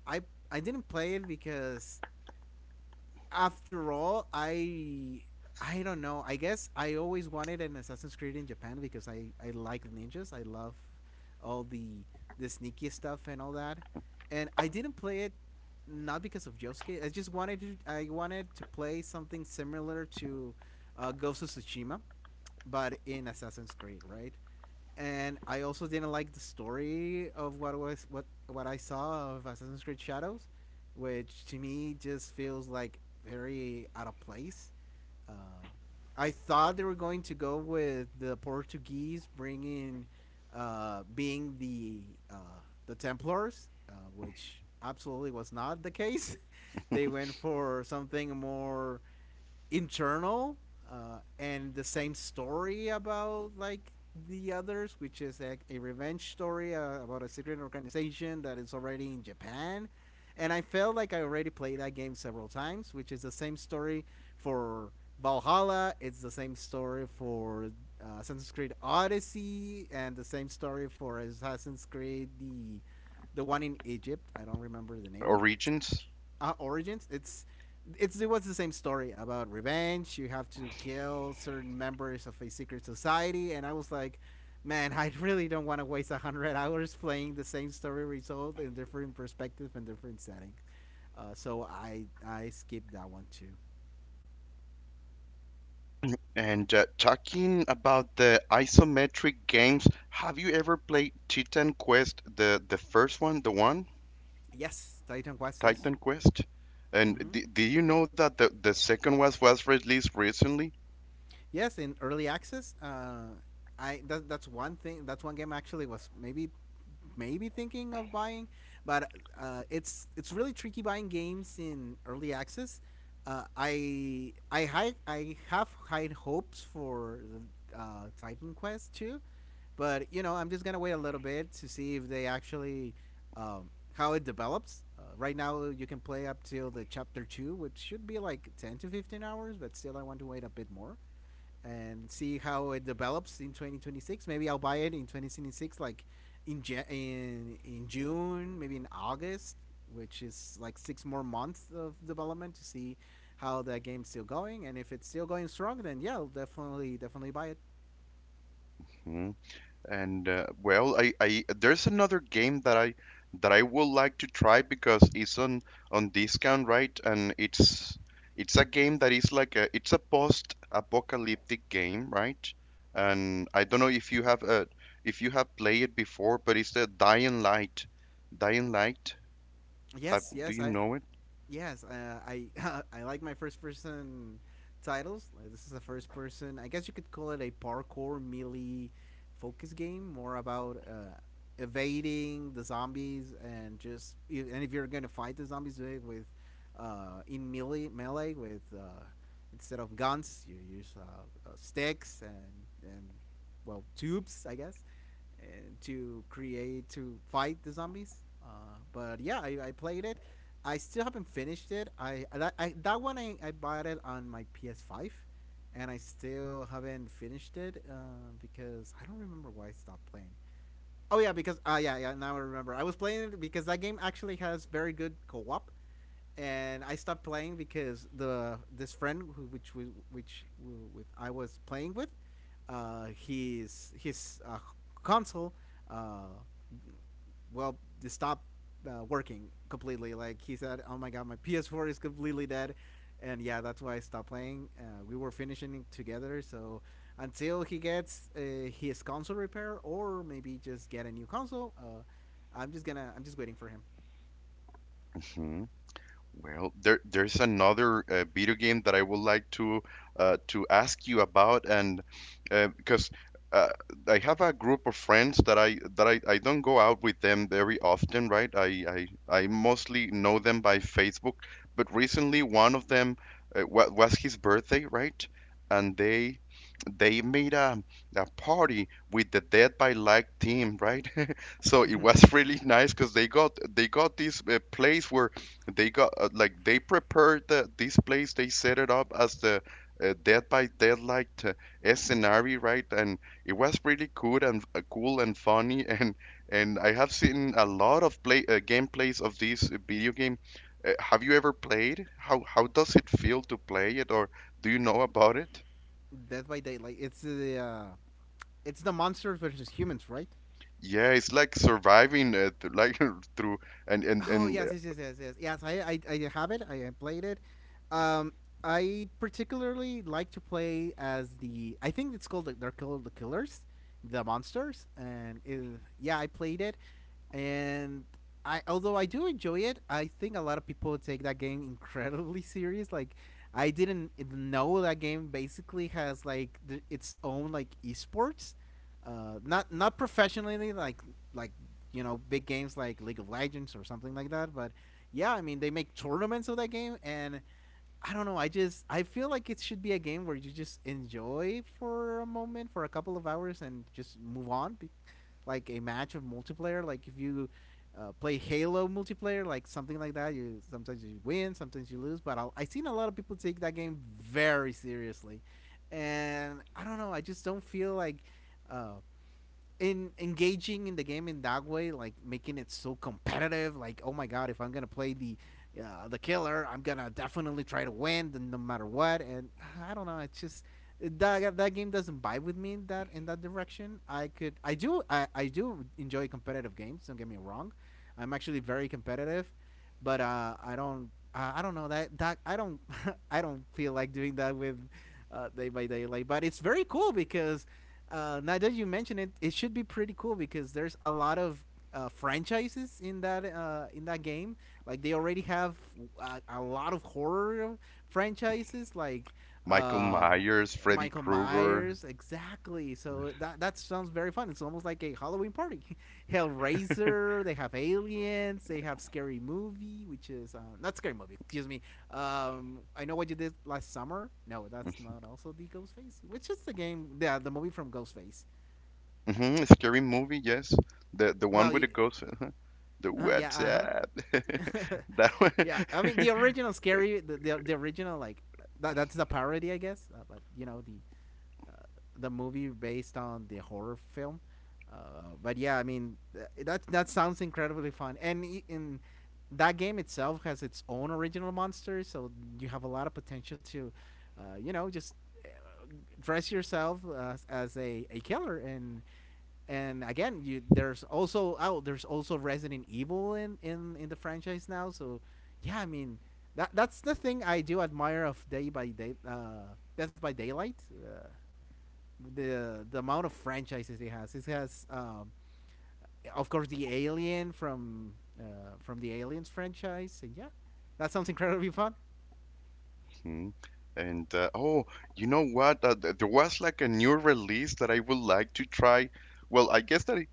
[SPEAKER 2] I I didn't play it because after all, I don't know. I guess I always wanted an Assassin's Creed in Japan because I like ninjas. I love all the sneaky stuff and all that. And I didn't play it not because of Josuke. I wanted to play something similar to Ghost of Tsushima, but in Assassin's Creed, right? And I also didn't like the story of what was what I saw of Assassin's Creed Shadows, which to me just feels like very out of place. Um, I thought they were going to go with the Portuguese bringing, being uh, the Templars, which absolutely was not the case. [LAUGHS] They went for something more internal and the same story about like the others, which is a revenge story about a secret organization that is already in Japan. And I felt like I already played that game several times, which is the same story for Valhalla. It's the same story for Assassin's Creed Odyssey, and the same story for Assassin's Creed the one in Egypt. I don't remember the name.
[SPEAKER 1] Origins.
[SPEAKER 2] Uh, Origins, it's it was the same story about revenge. You have to kill certain members of a secret society, and I was like, man, [LAUGHS] I really don't want to waste 100 hours playing the same story result in different perspective and different setting. So I skipped that one too.
[SPEAKER 1] And, talking about the isometric games, have you ever played Titan Quest, the first one, the one,
[SPEAKER 2] Yes, Titan Quest.
[SPEAKER 1] Titan
[SPEAKER 2] Yes.
[SPEAKER 1] Quest? And
[SPEAKER 2] Mm-hmm.
[SPEAKER 1] d do you know that the second one was released recently?
[SPEAKER 2] Yes, in early access. I that's one thing. That's one game I actually was maybe thinking of buying, but it's really tricky buying games in early access. I have high hopes for Titan Quest too, but you know I'm just gonna wait a little bit to see if they actually, how it develops. Right now you can play up till the chapter two, which should be like 10 to 15 hours, but still I want to wait a bit more and see how it develops in 2026. Maybe I'll buy it in 2026, like in June, maybe in August, which is like six more months of development to see how that game's still going. And if it's still going strong, then yeah, I'll definitely buy it.
[SPEAKER 1] And, well, I there's another game that I would like to try because it's on discount, right? And it's a game that is like a, it's a post-apocalyptic game, right? And I don't know if you have played it before, but it's the Dying Light. Dying Light.
[SPEAKER 2] Yes,
[SPEAKER 1] Have, do you know it?
[SPEAKER 2] yes, I [LAUGHS] I like my first person titles. Like, this is a first person. I guess you could call it a parkour melee focus game, more about evading the zombies, and if you're gonna fight the zombies, do it with, in melee with, instead of guns. You use sticks and tubes, I guess, uh, to fight the zombies. But yeah, I played it. I still haven't finished it. I that one I bought it on my PS5, and I still haven't finished it because I don't remember why I stopped playing. Oh yeah, because yeah, now I remember. I was playing it because that game actually has very good co-op, and I stopped playing because the this friend who which we, with I was playing with, his console, uh, well, it stopped working completely. Like he said, "Oh my god, my PS4 is completely dead," and yeah, that's why I stopped playing. We were finishing together, so until he gets his console repair, or maybe just get a new console, I'm just waiting for him.
[SPEAKER 1] [LAUGHS] Well, there's another, video game that I would like to, to ask you about, and, because, uh, I have a group of friends that I I don't go out with them very often, right? I mostly know them by Facebook, but recently one of them, wa was his birthday, right? And they made a party with the Dead by Light team, right? [LAUGHS] So
[SPEAKER 2] Mm-hmm.
[SPEAKER 1] it was really nice because they got this, place where they got, like, they prepared the this place. They set it up as the, Dead by Daylight scenario, right? And it was really cool and, cool and funny. [LAUGHS] And I have seen a lot of play gameplays of this, video game. Have you ever played? How does it feel to play it, or do you know about it?
[SPEAKER 2] Dead by Daylight. It's the monsters versus humans, right?
[SPEAKER 1] Yeah, it's like surviving, like [LAUGHS] through
[SPEAKER 2] Oh
[SPEAKER 1] and
[SPEAKER 2] yes, yes, yes, yes, yes. Yes, I have it. I played it. Um, I particularly like to play as the, I think it's called, they're called the killers, the monsters. And yeah, I played it. And I. Although I do enjoy it, I think a lot of people take that game incredibly [LAUGHS] serious. Like, I didn't know that game basically has like its own like esports. Not not professionally, like you know, big games like League of Legends or something like that. But yeah, I mean they make tournaments of that game, and I don't know. I just, I feel like it should be a game where you just enjoy for a moment, for a couple of hours, and just move on. Like a match of multiplayer. Like if you play Halo multiplayer, like something like that. You sometimes you win, sometimes you lose. But I've seen a lot of people take that game very seriously, and I don't know. I just don't feel like uh, in engaging in the game in that way, like making it so competitive. Like, oh my god, if I'm gonna play the killer, I'm gonna definitely try to win, no matter what. And I don't know, it's just that that game doesn't vibe with me in that direction. I could, I do enjoy competitive games. Don't get me wrong, I'm actually very competitive, but I don't know that that I don't, [LAUGHS] I don't feel like doing that with. Day by day, like, but it's very cool because, now that you mention it, it should be pretty cool because there's a lot of franchises in that game. Like they already have a lot of horror franchises, like
[SPEAKER 1] Michael
[SPEAKER 2] uh,
[SPEAKER 1] Myers, Freddy
[SPEAKER 2] Michael Myers.
[SPEAKER 1] Krueger.
[SPEAKER 2] Exactly. So that that sounds very fun. It's almost like a Halloween party. [LAUGHS] Hellraiser. They have aliens. They have scary movie, which is, not scary movie. Excuse me. I Know What You Did Last Summer. No, that's not, also the Ghostface, which is the game. Yeah, the movie from Ghostface.
[SPEAKER 1] Hmm. Scary movie, yes. The
[SPEAKER 2] Well,
[SPEAKER 1] one with the ghost. Uh-huh. The
[SPEAKER 2] uh, yeah,
[SPEAKER 1] what's
[SPEAKER 2] uh
[SPEAKER 1] up?
[SPEAKER 2] huh. [LAUGHS]
[SPEAKER 1] [LAUGHS] That
[SPEAKER 2] Yeah, I mean the
[SPEAKER 1] one.
[SPEAKER 2] original scary, the original like that's the parody, I guess. But you know the, uh, the movie based on the horror film. But yeah, I mean that that sounds incredibly fun. And in that game itself has its own original monsters, so you have a lot of potential to, you know, just, uh, dress yourself as a killer. And again, you there's also, oh, there's also Resident Evil in in the franchise now. So yeah, I mean, that that's the thing I do admire of Day by Day, Death by Daylight, the amount of franchises it has. It has, of course, the Alien from, from the Aliens franchise, and yeah, that sounds incredibly fun.
[SPEAKER 1] [LAUGHS] Hmm. And Oh, you know what? There was like a new release that I would like to try. Well, I guess that,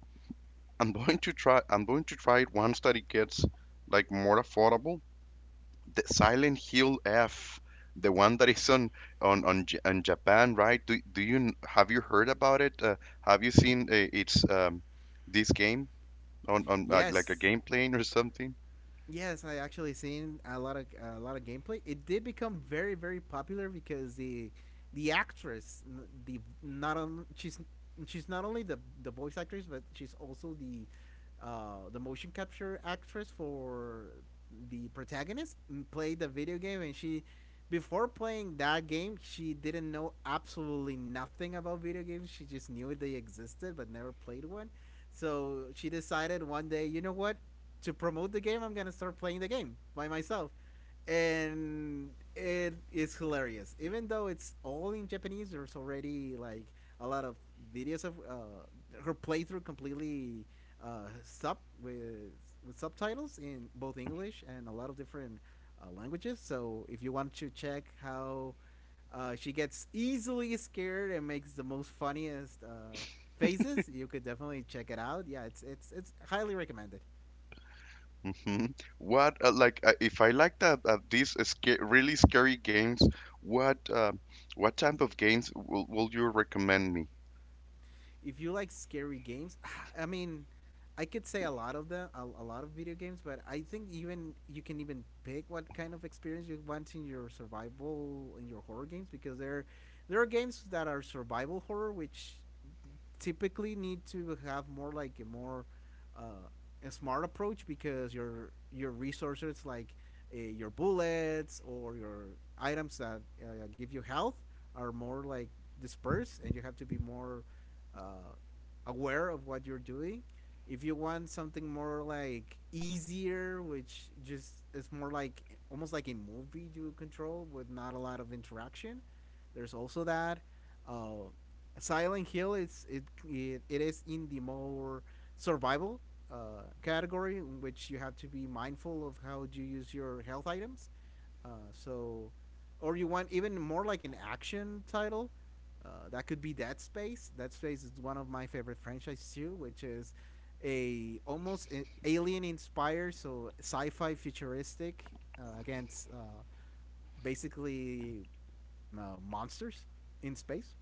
[SPEAKER 1] I'm going to try. I'm going to try it once that it gets like more affordable. The Silent Hill F, the one that is on Japan, right? Have you heard about it? Have you seen, its, this game? On Like a
[SPEAKER 2] Yes,
[SPEAKER 1] game plane or something.
[SPEAKER 2] yes, I actually seen a lot of gameplay. It did become very very popular because the actress, n- the not on she's not only the voice actress, but she's also the, the motion capture actress for the protagonist. Played the video game, and she, before playing that game, she didn't know absolutely nothing about video games. She just knew they existed, but never played one. So she decided one day, you know what? To promote the game, I'm gonna start playing the game by myself. And it is hilarious. Even though it's all in Japanese, there's already like a lot of videos of her playthrough completely, uh, sub with, with subtitles in both English and a lot of different languages. So if you want to check how she gets easily scared and makes the most funniest faces, you could definitely check it out. Yeah, it's it's highly recommended.
[SPEAKER 1] Hmm. What, like, if I like that, these, really scary games, what, what type of games will you recommend me?
[SPEAKER 2] If you like scary games, [SIGHS] I mean, I could say a lot of them, a lot of video games, but I think even you can even pick what kind of experience you want in your survival, in your horror games, because there are games that are survival horror which typically need to have more like a more, uh, a smart approach, because your resources, like your bullets or your items that give you health are more like dispersed, and you have to be more uh, aware of what you're doing. If you want something more like easier, which just is more like almost like a movie you control with not a lot of interaction, there's also that. uh, Silent Hill is, it, it is in the more survival category, in which you have to be mindful of how you use your health items. So, or you want even more like an action title. That could be Dead Space. Dead Space is one of my favorite franchises too, which is a, almost alien inspired, so sci-fi futuristic, against basically monsters in space.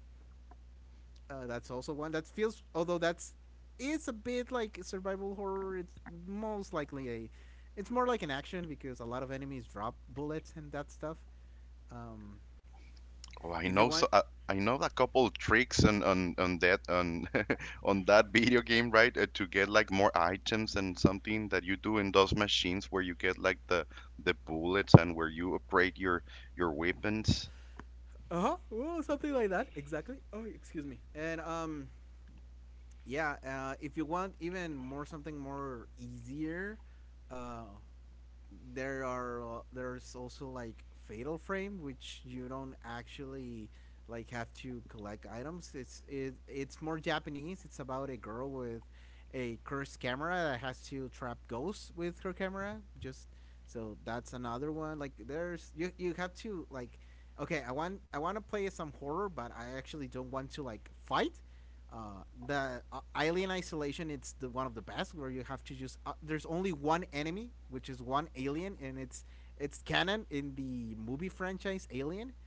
[SPEAKER 2] That's also one that feels, although that's, is a bit like survival horror, it's most likely it's more like an action, because a lot of enemies drop bullets and that stuff. Um,
[SPEAKER 1] Oh,
[SPEAKER 2] if you want,
[SPEAKER 1] I know a couple of tricks on that on [LAUGHS] on that video game, right? To get like more items and something that you do in those machines where you get like the bullets and where you upgrade your weapons.
[SPEAKER 2] uh huh, well, something like that exactly. Oh, excuse me. And yeah, if you want even more, something more easier, uh, there's also like Fatal Frame, which you don't actually like have to collect items. It's more Japanese. It's about a girl with a cursed camera that has to trap ghosts with her camera. Just, so that's another one. Like there's, you have to like, okay, I want to play some horror, but I actually don't want to like fight the Alien Isolation. It's the one of the best, where you have to just, there's only one enemy, which is one alien, and it's canon in the movie franchise Alien,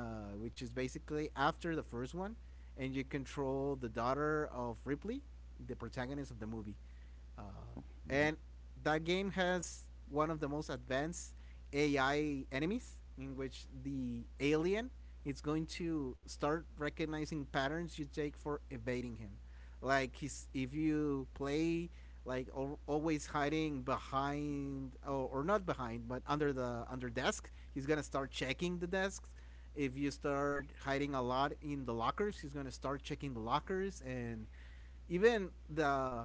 [SPEAKER 2] which is basically after the first one, and you control the daughter of Ripley, the protagonist of the movie. Uh,
[SPEAKER 1] Mhm,
[SPEAKER 2] and that game has one of the most advanced AI enemies, in which the alien is going to start recognizing patterns you take for evading him. Like he's, if you play always hiding behind or not behind but under the under desk he's gonna start checking the desks if you start hiding a lot in the lockers he's gonna start checking the lockers and even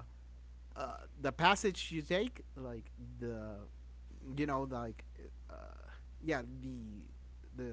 [SPEAKER 2] the passage you take, like the, you know, like, uh, yeah, the,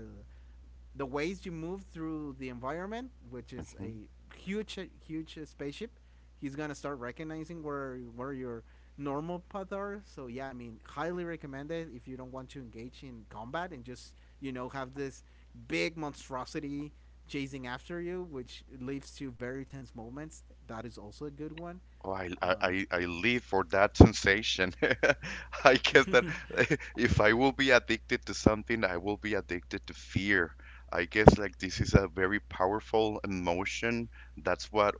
[SPEAKER 2] the ways you move through the environment, which is
[SPEAKER 1] mhm.
[SPEAKER 2] a huge, huge spaceship. He's gonna start recognizing where your normal path are. So yeah, I mean, highly recommended if you don't want to engage in combat and just have this big monstrosity chasing after you, which leads to very tense moments. That is also a good one.
[SPEAKER 1] Oh, I, I,
[SPEAKER 2] Uh,
[SPEAKER 1] I I live for that sensation. [LAUGHS] I guess that
[SPEAKER 2] [LAUGHS]
[SPEAKER 1] [LAUGHS] if I will be addicted to something, I will be addicted to fear. I guess like this is a very powerful emotion. That's what,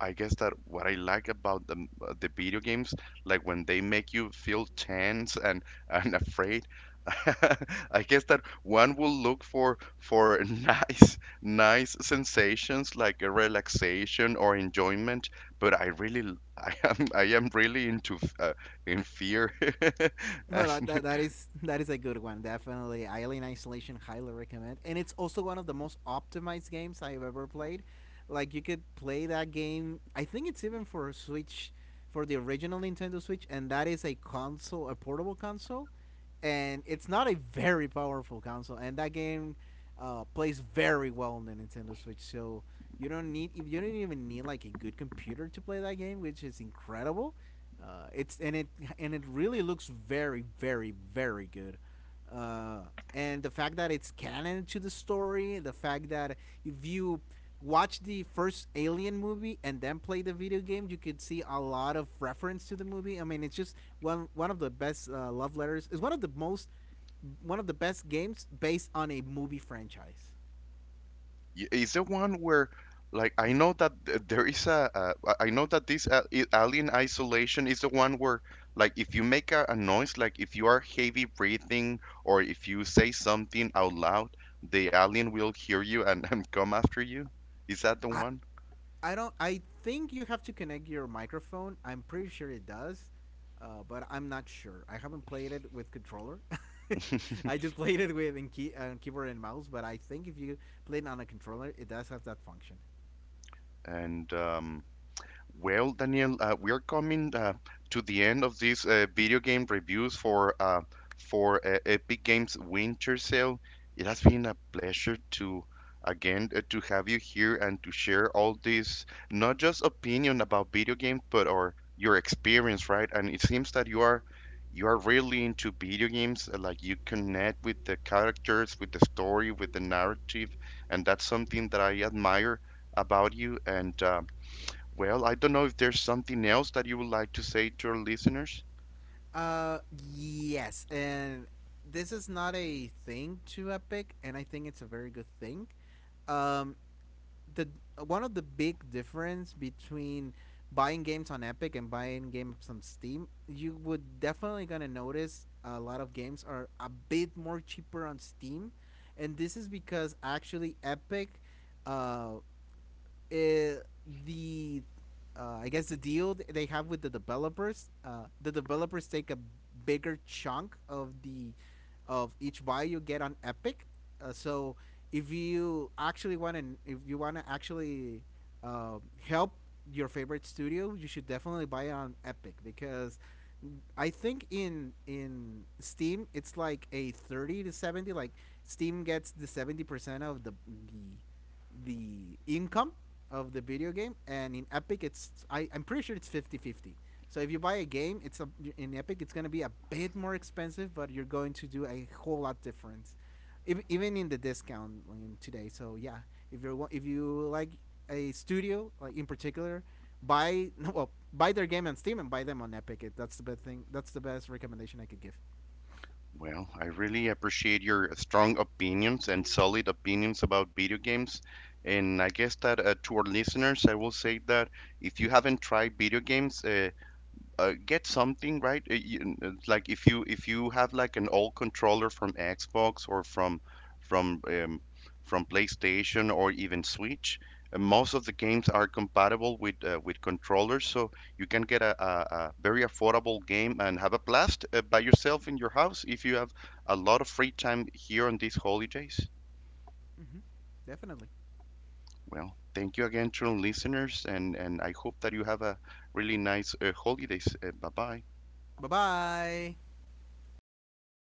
[SPEAKER 1] I guess, that what I like about the, the video games, like when they make you feel tense and afraid. [LAUGHS] I guess that one will look for [LAUGHS] nice sensations, like a relaxation or enjoyment, but I really, [LAUGHS] I am really into, in fear. [LAUGHS]
[SPEAKER 2] well, that,
[SPEAKER 1] And,
[SPEAKER 2] that, that is a good one. Definitely, Alien Isolation highly recommend, and it's also one of the most optimized games I have ever played. Like you could play that game. I think it's even for Switch, for the original Nintendo Switch, and that is a console, a portable console, and it's not a very powerful console. And that game plays very well on the Nintendo Switch. So you don't even need like a good computer to play that game, which is incredible. It's and it And it really looks very, very, very good. Uh, and the fact that it's canon to the story, the fact that if you watch the first Alien movie and then play the video game, you could see a lot of reference to the movie. I mean, it's just one of the best love letters. It's one of the most One of the best games based on a movie franchise.
[SPEAKER 1] is the one where, like, I know that, there is a, I know that this, Alien Isolation is the one where, like, if you make a noise, like if you are heavy breathing or if you say something out loud, the alien will hear you and, [LAUGHS] and come after you. Is that the
[SPEAKER 2] I,
[SPEAKER 1] one?
[SPEAKER 2] I don't. I think you have to connect your microphone. I'm pretty sure it does, but I'm not sure. I haven't played it with controller. [LAUGHS]
[SPEAKER 1] [LAUGHS]
[SPEAKER 2] I just played it with keyboard and mouse. But I think if you play it on a controller, it does have that function.
[SPEAKER 1] And Well, Daniel, we are coming, to the end of these, video game reviews for, Epic Games Winter Sale. It has been a pleasure to, again, to have you here and to share all this, not just opinion about video games, but or your experience, right? And it seems that you are really into video games. Like, you connect with the characters, with the story, with the narrative, and that's something that I admire about you and. Well, I don't know if there's something else that you would like to say to our listeners.
[SPEAKER 2] Uh, yes, and this is not a thing to Epic, and I think it's a very good thing. Um, the One of the big difference between buying games on Epic and buying games on Steam, you would definitely gonna notice a lot of games are a bit more cheaper on Steam, and this is because actually Epic, uh, uh, the I guess the deal they have with the developers. The developers take a bigger chunk of the of each buy you get on Epic. So if you actually want to, if you want to actually help your favorite studio, you should definitely buy it on Epic because I think in Steam it's like a 30 to 70. Like Steam gets the 70% of the the income of the video game. And in Epic it's, I'm pretty sure it's 50-50. So if you buy a game in Epic it's going to be a bit more expensive, but you're going to do a whole lot difference. Even in the discount today. So yeah, if you're if you like a studio like in particular, buy [LAUGHS] well, buy their game on Steam and buy them on Epic. That's the best thing. That's the best recommendation I could give.
[SPEAKER 1] Well, I really appreciate your strong opinions and solid opinions about video games. And I guess that, to our listeners, I will say that if you haven't tried video games, get something, right. Like, if you have like an old controller from Xbox or from um, from PlayStation or even Switch, most of the games are compatible with, with controllers, so you can get a very affordable game and have a blast, by yourself in your house if you have a lot of free time here on these holidays.
[SPEAKER 2] Hmm. Definitely.
[SPEAKER 1] Well, thank you again, to our listeners, and I hope that you have a really nice, holidays. Bye bye.
[SPEAKER 2] Bye bye.